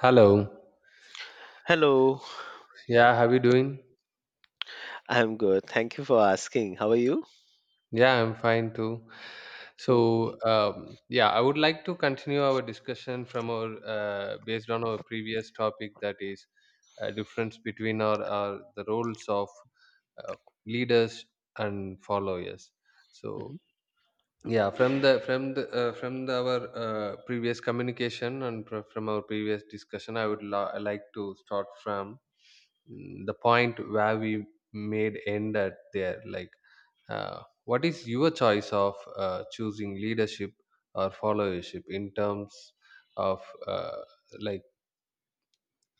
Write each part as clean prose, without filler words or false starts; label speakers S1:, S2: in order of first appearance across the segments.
S1: Hello.
S2: Hello,
S1: Yeah, how you doing?
S2: I'm good. Thank you for asking. How are you?
S1: Yeah, I'm fine too.
S2: Mm.
S1: So, yeah, I would like to continue our discussion from our based on our previous topic, that is difference between our the roles of uh, leaders and followers. So,
S2: Mhm.
S1: yeah, our previous communication, and from our previous discussion, I would like to start from the point where we made end at there, like what is your choice of choosing leadership or followership in terms of uh, like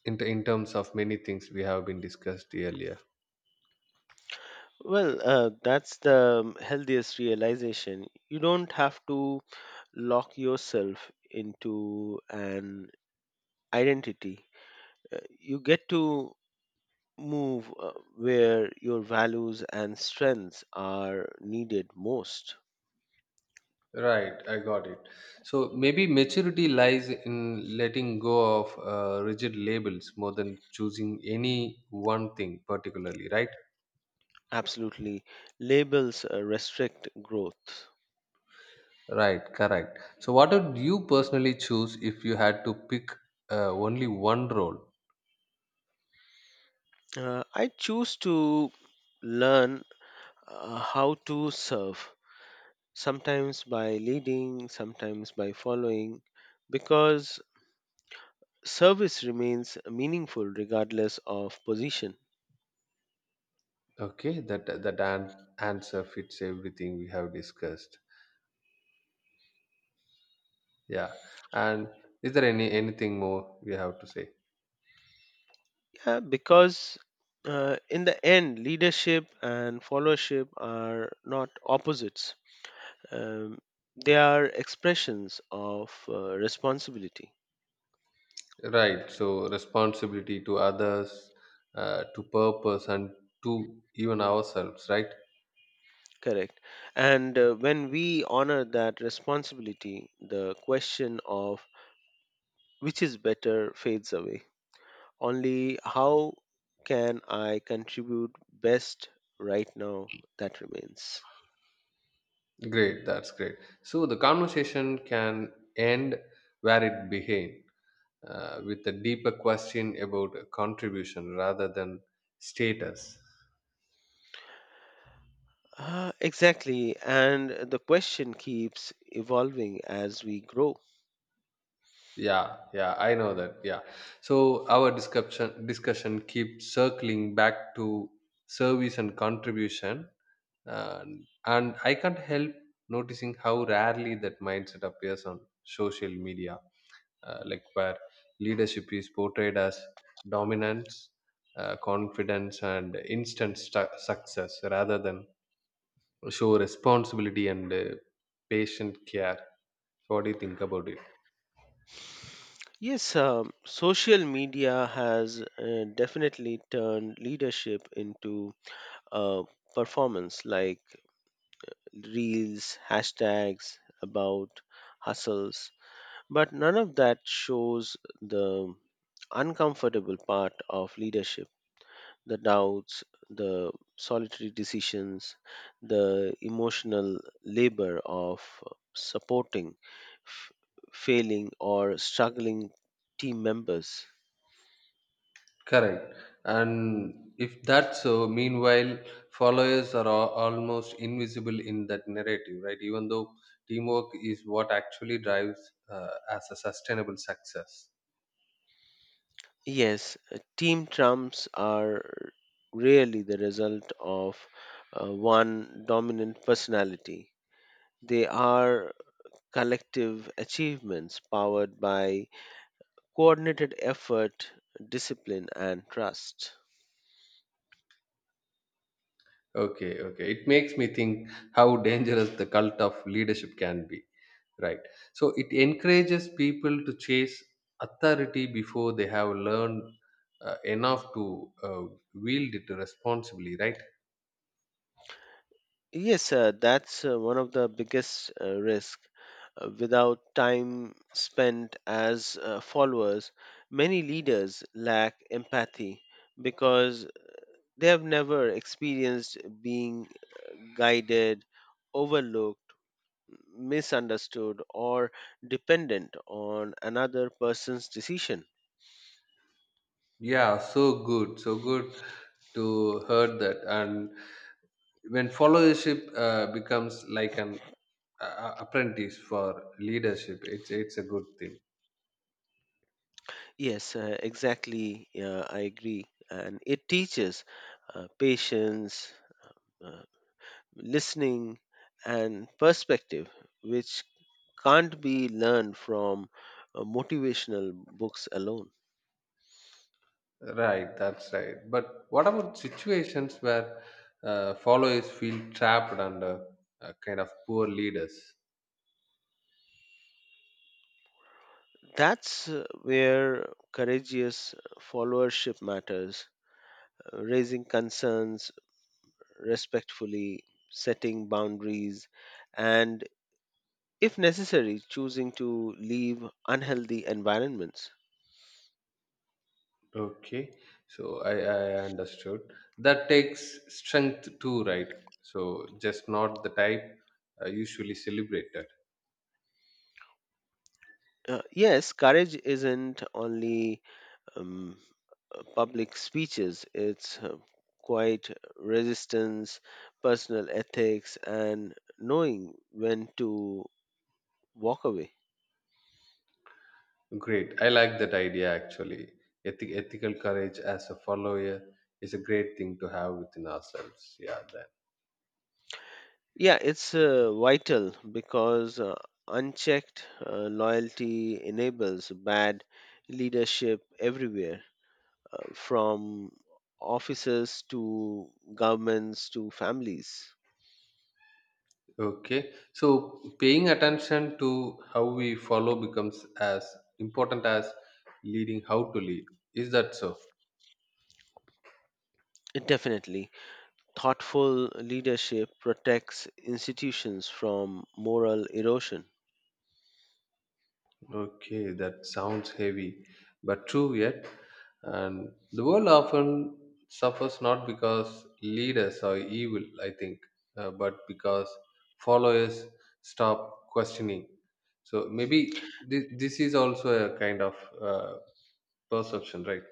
S1: in terms of many things we have been discussed earlier.
S2: That's the healthiest realization. You don't have to lock yourself into an identity. You get to move where your values and strengths are needed most.
S1: Right, I got it. So maybe maturity lies in letting go of rigid labels more than choosing any one thing particularly, right?
S2: Absolutely. Labels restrict growth.
S1: Right, correct. So what would you personally choose if you had to pick only one role?
S2: I choose to learn how to serve sometimes by leading, sometimes by following, because service remains meaningful regardless of position.
S1: Okay, that an answer fits everything we have discussed. Yeah. And is there anything more we have to say?
S2: Yeah, because in the end, leadership and followership are not opposites, um, they are expressions of responsibility.
S1: Right. So responsibility to others, to purpose, and to even ourselves. Right.
S2: Correct. And when we honor that responsibility, the question of which is better fades away. Only how can I contribute best right now that remains.
S1: Great. That's great. So the conversation can end where it began, with a deeper question about contribution rather than status.
S2: Exactly, and the question keeps evolving as we grow.
S1: Yeah. Yeah. I know that. Yeah. So our discussion keeps circling back to service and contribution, uh, and I can't help noticing how rarely that mindset appears on social media, like where leadership is portrayed as dominance, confidence and instant success rather than show responsibility and patient care. So what do you think about it?
S2: Yes, social media has definitely turned leadership into a performance like reels, hashtags about hustles, but none of that shows the uncomfortable part of leadership, the doubts, the solitary decisions, the emotional labor of supporting f- failing or struggling team members.
S1: Correct. And if that's so, meanwhile, followers are almost invisible in that narrative, right? Even though teamwork is what actually drives as a sustainable success.
S2: Yes, team trumps are rarely the result of one dominant personality. They are collective achievements powered by coordinated effort, discipline, and trust.
S1: Okay, okay. It makes me think how dangerous the cult of leadership can be, right? So it encourages people to chase authority before they have learned enough to wield it responsibly, right?
S2: Yes, that's one of the biggest risk. Without time spent as followers, many leaders lack empathy because they have never experienced being guided, overlooked, misunderstood, or dependent on another person's decision.
S1: Yeah, so good, so good to heard that. And when followership becomes like an apprentice for leadership, it's a good thing.
S2: Yes, exactly. I agree, and it teaches patience. Uh, Listening, and perspective, which can't be learned from motivational books alone.
S1: Right, that's right. But what about situations where followers feel trapped under kind of poor leaders?
S2: That's where courageous followership matters, raising concerns respectfully, setting boundaries, and if necessary, choosing to leave unhealthy environments.
S1: Okay, so I understood. That takes strength too, right? So just not the type usually celebrated.
S2: Yes, courage isn't only um, public speeches, its quiet resistance, personal ethics, and knowing when to walk away.
S1: Great. I like that idea actually. Ethical courage as a follower is a great thing to have within ourselves. Yeah, then.
S2: Yeah, it's vital because unchecked loyalty enables bad leadership everywhere, from offices to governments to families.
S1: Okay. So paying attention to how we follow becomes as important as leading how to lead. Is that so?
S2: Definitely. Thoughtful leadership protects institutions from moral erosion.
S1: Okay, that sounds heavy, but true yet. And the world often suffers not because leaders are evil, I think, but because followers stop questioning. So maybe this is also a kind of uh, perception, right?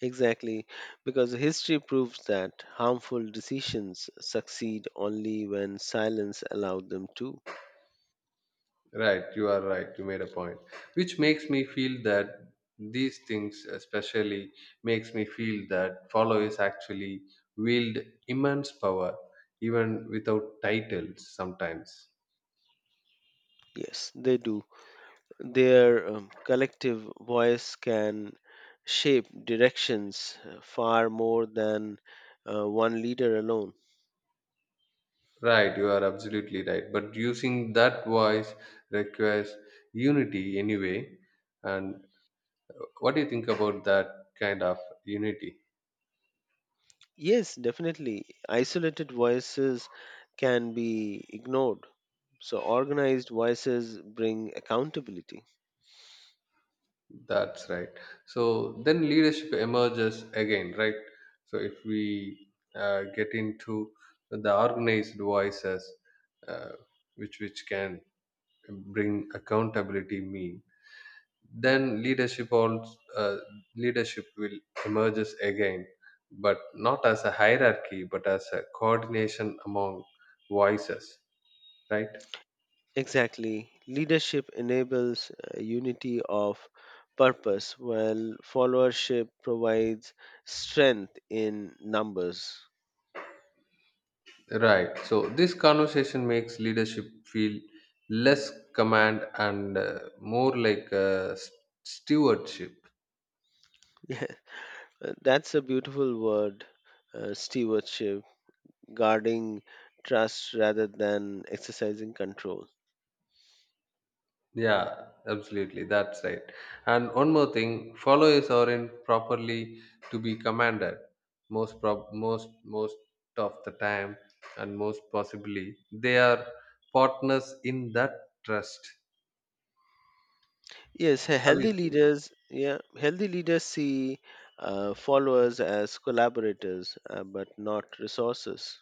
S2: Exactly, because history proves that harmful decisions succeed only when silence allowed them to.
S1: Right, you are right. You made a point, which makes me feel that these things, especially, makes me feel that follow is actually wield immense power, even without titles. Sometimes,
S2: Yes, they do. Their collective voice can shape directions far more than one leader alone.
S1: right? You are absolutely right. But using that voice requires unity anyway. And what do you think about that kind of unity?
S2: Yes, definitely. Isolated voices can be ignored. So, organized voices bring accountability.
S1: That's right. So then leadership emerges again, right? So if we get into the organized voices, uh, which can bring accountability mean, then leadership will emerges again, but not as a hierarchy, but as a coordination among voices, right?
S2: Exactly. Leadership enables unity of purpose, while followership provides strength in numbers.
S1: Right. So this conversation makes leadership feel less command and more like stewardship.
S2: Yeah, that's a beautiful word, stewardship, guarding trust rather than exercising control.
S1: Yeah, absolutely. That's right. And one more thing, follow is not properly to be commanded most prob- most most of the time, and most possibly they are partners in that trust.
S2: Yes,
S1: Have you
S2: healthy
S1: seen?
S2: leaders, yeah, healthy leaders see followers as collaborators, but not resources.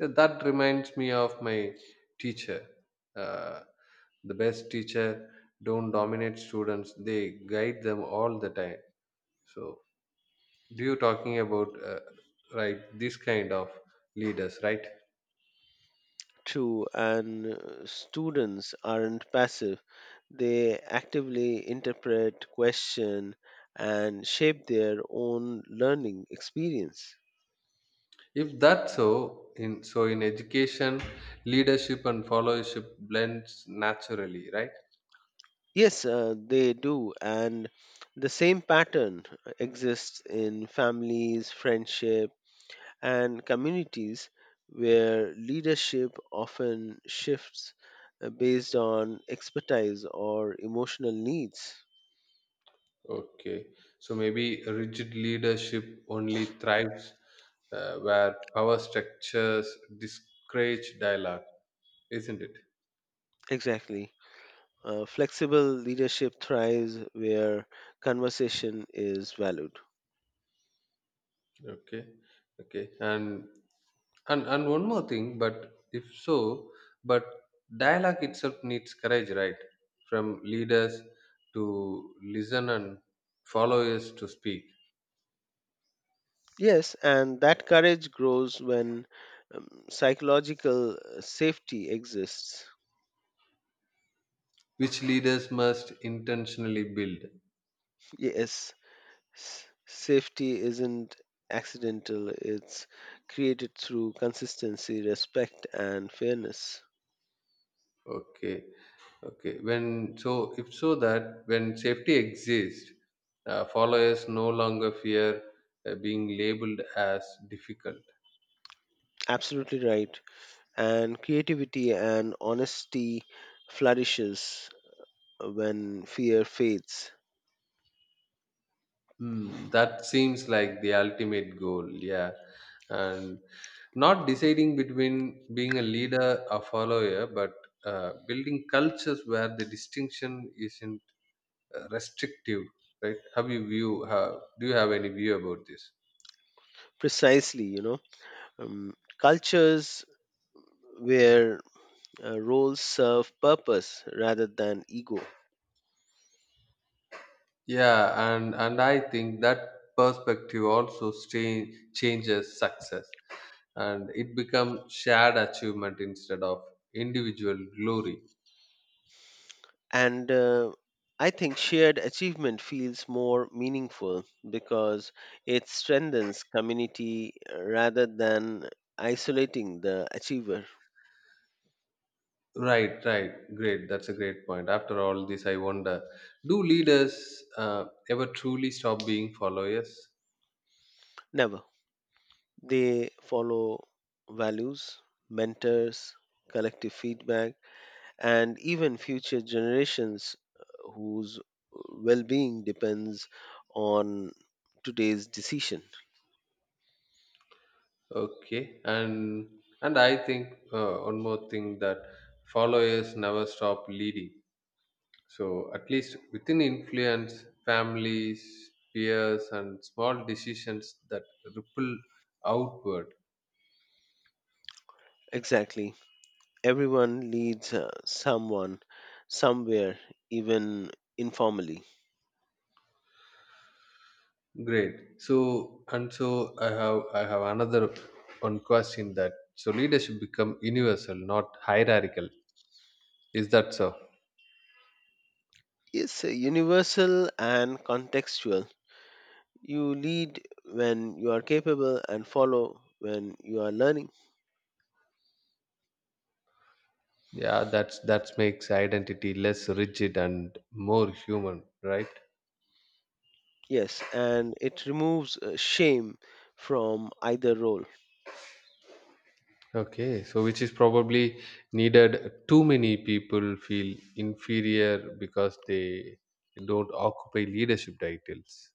S1: Yeah, that reminds me of my teacher. Uh, the best teacher don't dominate students; they guide them all the time. So, do you talking about right this kind of leaders, right?
S2: True, and students aren't passive. They actively interpret, question, and shape their own learning experience.
S1: If that's so, in so in education, leadership and followership blends naturally, right?
S2: Yes, they do, and the same pattern exists in families, friendship, and communities where leadership often shifts based on expertise or emotional needs.
S1: Okay, so maybe rigid leadership only thrives where power structures discourage dialogue, isn't it?
S2: Exactly. Flexible leadership thrives where conversation is valued.
S1: Okay. Okay. And one more thing, but if so, but dialogue itself needs courage, right? From leaders to listen and followers to speak,
S2: Yes, and that courage grows when psychological safety exists.
S1: which leaders must intentionally build.
S2: Yes, safety isn't accidental, it's created through consistency, respect, and fairness.
S1: Okay. Okay. When so if so that when safety exists, followers no longer fear being labeled as difficult.
S2: Absolutely right. And creativity and honesty flourishes when fear fades.
S1: That seems like the ultimate goal, yeah. And not deciding between being a leader or follower, but building cultures where the distinction isn't restrictive, right? Have you view? Do you have any view about this?
S2: Precisely, you know, um, cultures where roles serve purpose rather than ego.
S1: Yeah, and I think that perspective also changes success, and it becomes shared achievement instead of individual glory.
S2: And I think shared achievement feels more meaningful because it strengthens community rather than isolating the achiever.
S1: Right, right. Great. That's a great point. After all this, I wonder do leaders ever truly stop being followers?
S2: Never. They follow values, mentors, collective feedback, and even future generations whose well being depends on today's decision.
S1: Okay. And I think one more thing that followers never stop leading. So at least within influence, families, peers, and small decisions that ripple outward.
S2: Exactly. Everyone leads someone somewhere, even informally.
S1: Great. So and so I have another one question that so leadership become universal, not hierarchical. Is that so?
S2: It's universal and contextual. You lead when you are capable and follow when you are learning.
S1: Yeah, that makes identity less rigid and more human, right?
S2: Yes, and it removes shame from either role.
S1: Okay, so which is probably needed too many people feel inferior because they don't occupy leadership titles.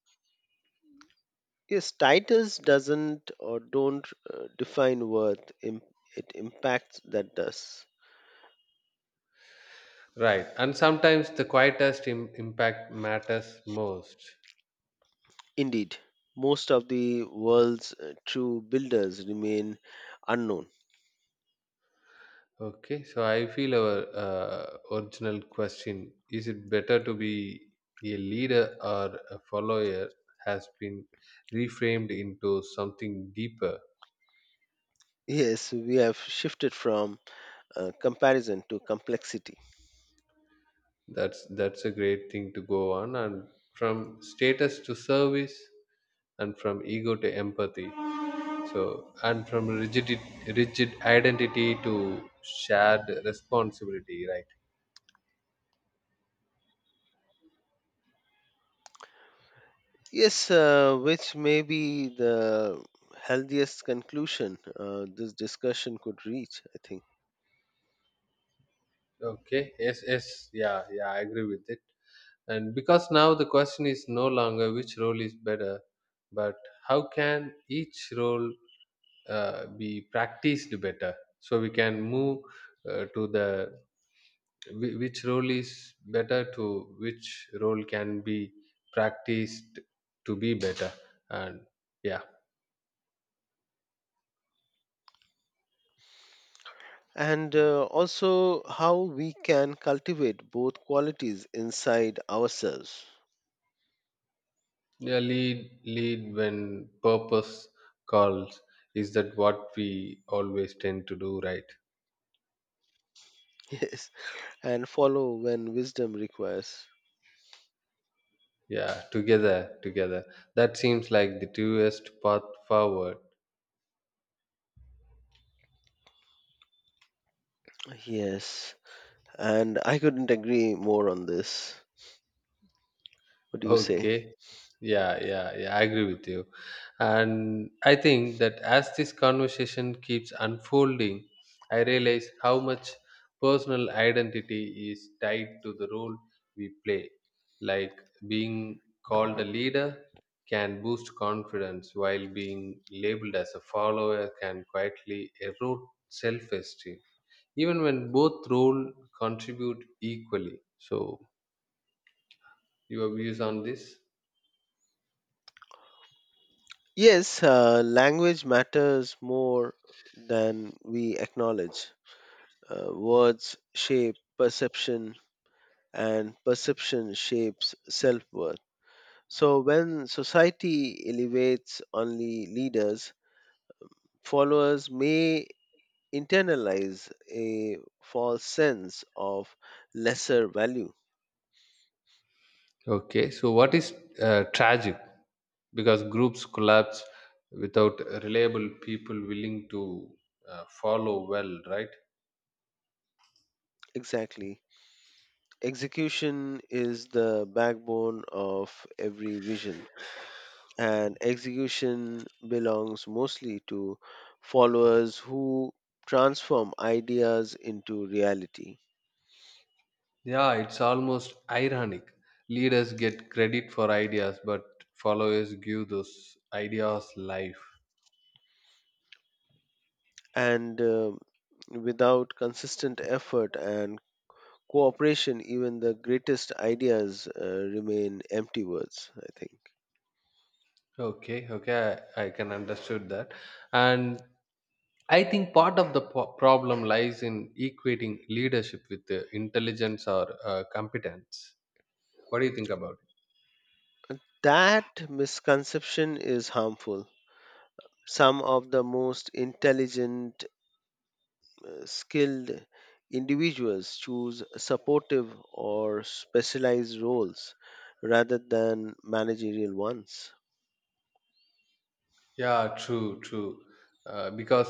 S2: Yes, titles doesn't or don't define worth. It impacts that does.
S1: Right, and sometimes the quietest impact matters most.
S2: Indeed, most of the world's true builders remain unknown.
S1: Okay, so I feel our original question, is it better to be a leader or a follower, has been reframed into something deeper.
S2: Yes, we have shifted from comparison to complexity.
S1: That's a great thing to go on, and from status to service and from ego to empathy. So and from rigid identity to shared responsibility, right?
S2: Yes, which may be the healthiest conclusion this discussion could reach, I think.
S1: Okay, yes, yes, yeah, yeah, I agree with it. And because now the question is no longer which role is better, but how can each role be practiced better? So we can move to the which role is better to which role can be practiced to be better. And yeah,
S2: And also how we can cultivate both qualities inside ourselves.
S1: yeah, lead when purpose calls, is that what we always tend to do, right?
S2: Yes, and follow when wisdom requires.
S1: Yeah, together, together. That seems like the truest path forward.
S2: Yes, and I couldn't agree more on this. What do you say?
S1: Okay. Yeah, yeah, yeah, I agree with you. And I think that as this conversation keeps unfolding, I realize how much personal identity is tied to the role we play. Like being called a leader can boost confidence, while being labeled as a follower can quietly erode self esteem, even when both role contribute equally. So your views on this?
S2: Yes, language matters more than we acknowledge. Words shape perception, and perception shapes self worth. So, when society elevates only leaders, followers may internalize a false sense of lesser value.
S1: Okay, so what is tragic, because groups collapse without reliable people willing to follow well, right?
S2: Exactly. Execution is the backbone of every vision. And execution belongs mostly to followers who transform ideas into reality.
S1: Yeah, it's almost ironic. Leaders get credit for ideas, but followers give those ideas life.
S2: And without consistent effort and cooperation, even the greatest ideas remain empty words, I think.
S1: Okay, okay. I can understood that, and I think part of the problem lies in equating leadership with intelligence or competence. What do you think about it?
S2: That misconception is harmful. Some of the most intelligent, skilled individuals choose supportive or specialized roles rather than managerial ones.
S1: Yeah, true, true. Because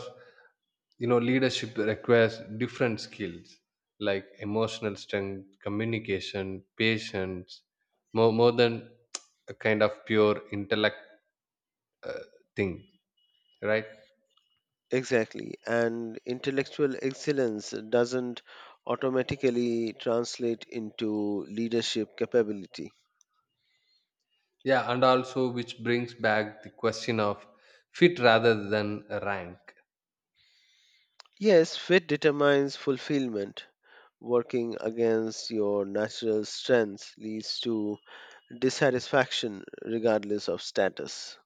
S1: leadership requires different skills like emotional strength, communication, patience, more than a kind of pure intellect thing, right?
S2: Exactly. And intellectual excellence doesn't automatically translate into leadership capability.
S1: Yeah, and also which brings back the question of fit rather than rank.
S2: Yes, fit determines fulfillment. Working against your natural strengths leads to dissatisfaction regardless of status.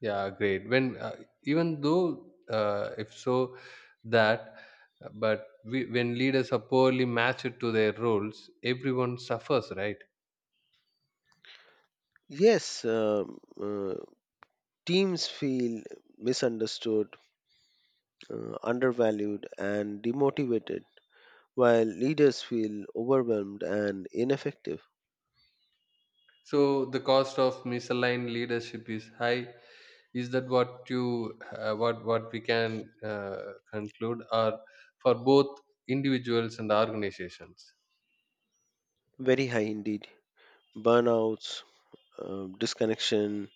S1: Yeah, great. When even though if so that, but we, when leaders are poorly matched to their roles, everyone suffers, right?
S2: Yes, um, uh, Teams feel misunderstood, undervalued, and demotivated, while leaders feel overwhelmed and ineffective.
S1: So the cost of misaligned leadership is high. Is that what we can conclude, or for both individuals and organizations?
S2: Very high indeed. Burnouts, disconnection,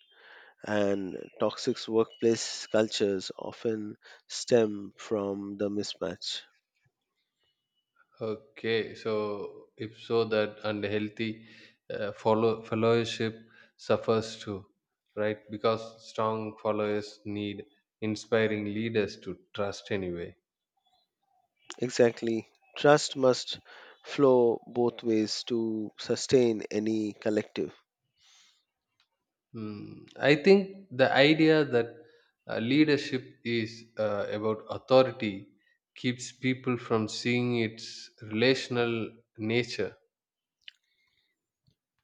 S2: and toxic workplace cultures often stem from the mismatch.
S1: Okay, so if so, that unhealthy followership suffers too, right? Because strong followers need inspiring leaders to trust anyway.
S2: Exactly. Trust must flow both ways to sustain any collective.
S1: I think the idea that leadership is about authority keeps people from seeing its relational nature.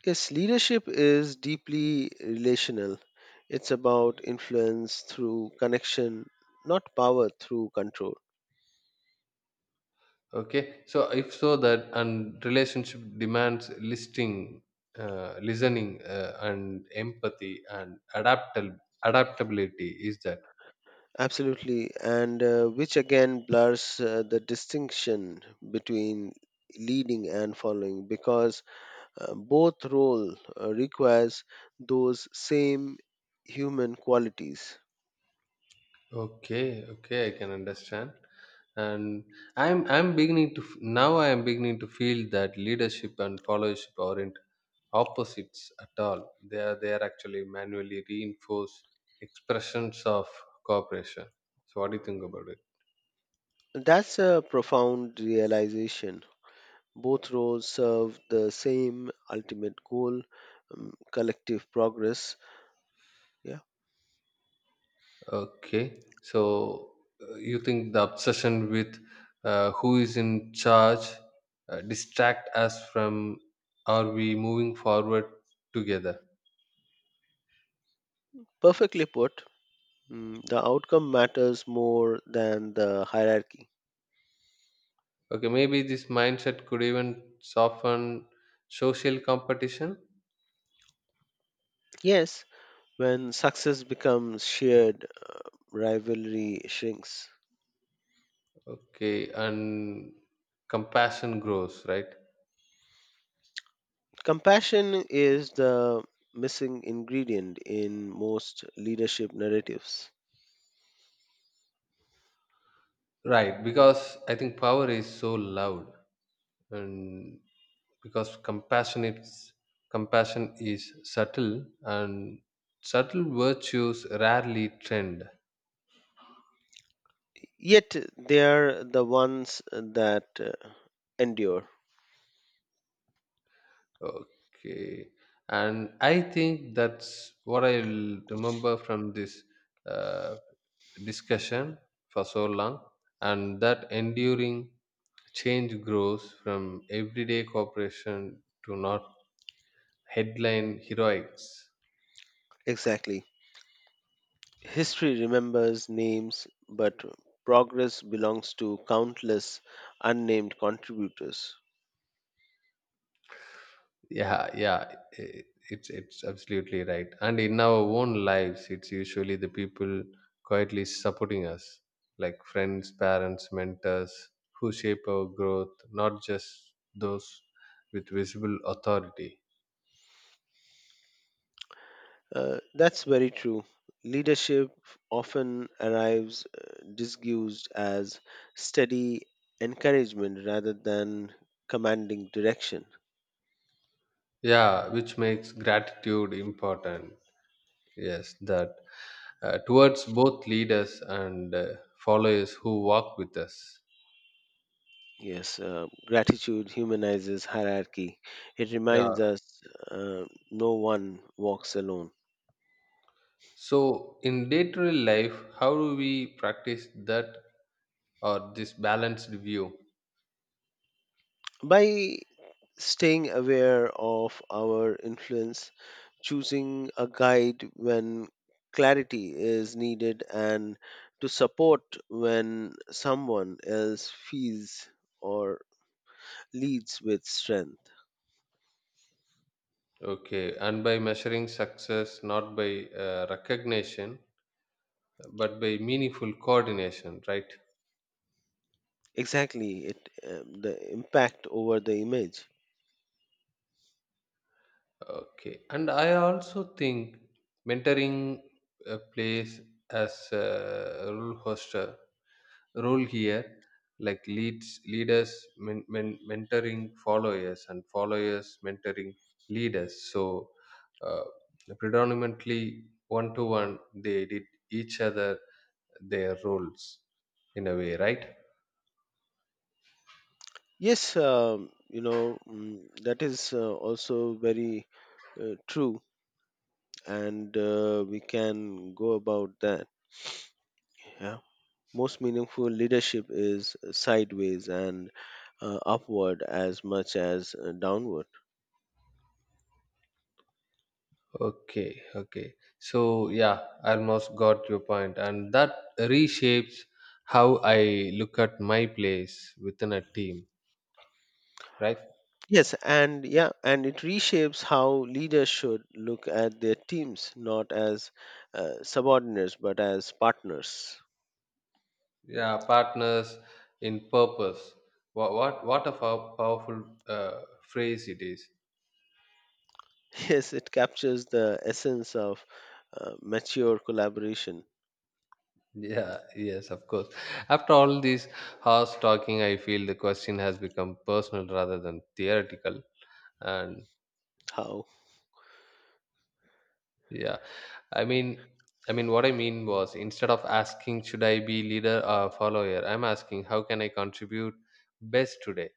S2: Yes, leadership is deeply relational. It's about influence through connection, not power through control.
S1: Okay, so if so that, and relationship demands listening, and empathy and adaptable adaptability. Is that
S2: Absolutely, and which again blurs the distinction between leading and following because both role requires those same human qualities.
S1: okay? Okay, I can understand. And I'm beginning to f- now I am beginning to feel that leadership and followership aren't opposites at all. They are actually manually reinforced expressions of cooperation. So what do you think about it?
S2: That's a profound realization. Both roles serve the same ultimate goal, collective progress. Yeah,
S1: Okay, so you think the obsession with who is in charge distract us from, are we moving forward together?
S2: perfectly put. Mm, the outcome matters more than the hierarchy.
S1: Okay, maybe this mindset could even soften social competition.
S2: Yes, when success becomes shared, rivalry shrinks.
S1: Okay, and compassion grows, right?
S2: Compassion is the missing ingredient in most leadership narratives.
S1: Right, because I think power is so loud, and because compassion is subtle. And subtle virtues rarely trend.
S2: Yet they are the ones that endure.
S1: Okay, and I think that's what I will remember from this uh, discussion for so long. And that enduring change grows from everyday cooperation to not headline heroics.
S2: Exactly. History remembers names, but progress belongs to countless unnamed contributors.
S1: Yeah, yeah, i- it's absolutely right. And in our own lives it's usually the people quietly supporting us, like friends, parents, mentors, who shape our growth, not just those with visible authority.
S2: That's very true. Leadership often arrives disguised as steady encouragement rather than commanding direction.
S1: Yeah, which makes gratitude important. Yes, that towards both leaders and followers who walk with us.
S2: Yes, gratitude humanizes hierarchy. It
S1: Yeah,
S2: reminds us uh, no one walks alone.
S1: so in day-to-day life, how do we practice that or this balanced view?
S2: By staying aware of our influence, choosing a guide when clarity is needed, and to support when someone else feels or leads with strength.
S1: Okay, and by measuring success not by recognition, but by meaningful coordination, right?
S2: Exactly, it the impact over the image.
S1: Okay, and I also think mentoring plays as a role hoster role here, like leads leaders mentoring followers and followers mentoring leaders. So uh, predominantly one to one they did each other their roles, in a way, right?
S2: Yes, you know that is also very true, and we can go about that. Yeah. Most meaningful leadership is sideways and upward as much as downward.
S1: Okay, okay. So yeah, I almost got your point, and that reshapes how I look at my place within a team, right?
S2: Yes, and yeah, and it reshapes how leaders should look at their teams, not as subordinates, but as partners.
S1: Yeah, partners in purpose. What a powerful phrase it is.
S2: Yes, it captures the essence of mature collaboration.
S1: Yeah, yes, of course. After all these hours talking, I feel the question has become personal rather than theoretical. And
S2: How?
S1: Yeah, I mean, I mean, what I mean was, instead of asking should I be leader or follower, I'm asking how can I contribute best today.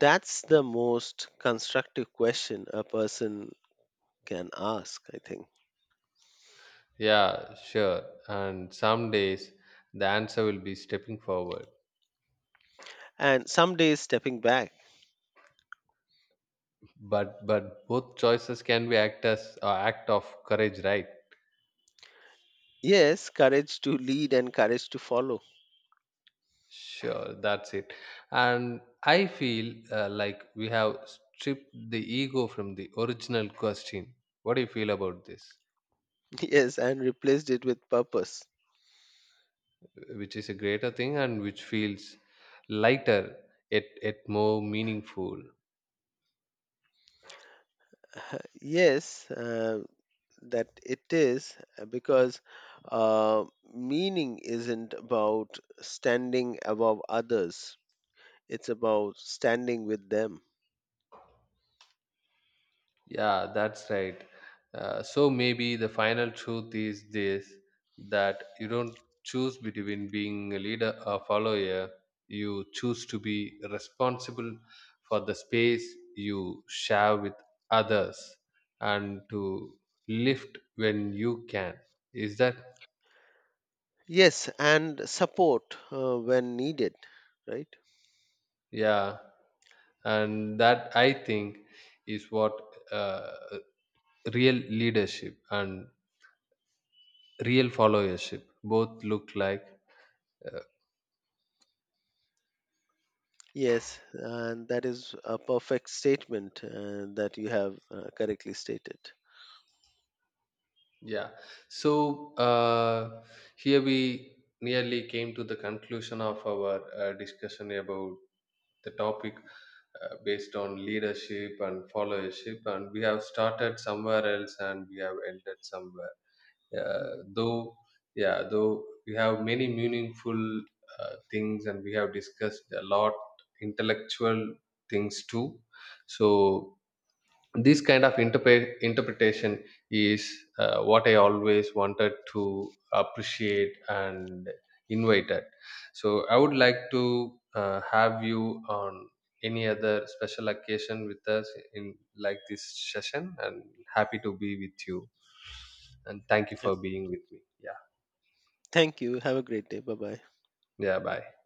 S2: That's the most constructive question a person can ask, I think.
S1: Yeah, sure. And some days the answer will be stepping forward.
S2: And someday stepping back.
S1: But both choices can be act as act of courage, right?
S2: Yes, courage to lead and courage to follow.
S1: Sure, that's it. And I feel like we have stripped the ego from the original question. What do you feel about this?
S2: Yes, and replaced it with purpose.
S1: Which is a greater thing, and which feels lighter, yet more meaningful.
S2: Yes, that it is because uh, meaning isn't about standing above others, it's about standing with them.
S1: Yeah, that's right. So maybe the final truth is this, that you don't choose between being a leader or follower, you choose to be responsible for the space you share with others, and to lift when you can. Is that
S2: Yes, and support when needed, right?
S1: Yeah, and that I think is what uh, real leadership and real followership both look like uh,
S2: Yes, and that is a perfect statement that you have correctly stated.
S1: yeah, so here we nearly came to the conclusion of our discussion about the topic based on leadership and followership. And we have started somewhere else and we have ended somewhere,
S2: Mhm.
S1: though. Yeah, though we have many meaningful things and we have discussed a lot intellectual things too. So this kind of interpretation is what I always wanted to appreciate and invited. So I would like to have you on any other special occasion with us in like this session, and happy to be with you, and thank you
S2: Yep.
S1: for being with me, yeah.
S2: Thank you. Have a great day. Bye bye.
S1: Yeah, bye.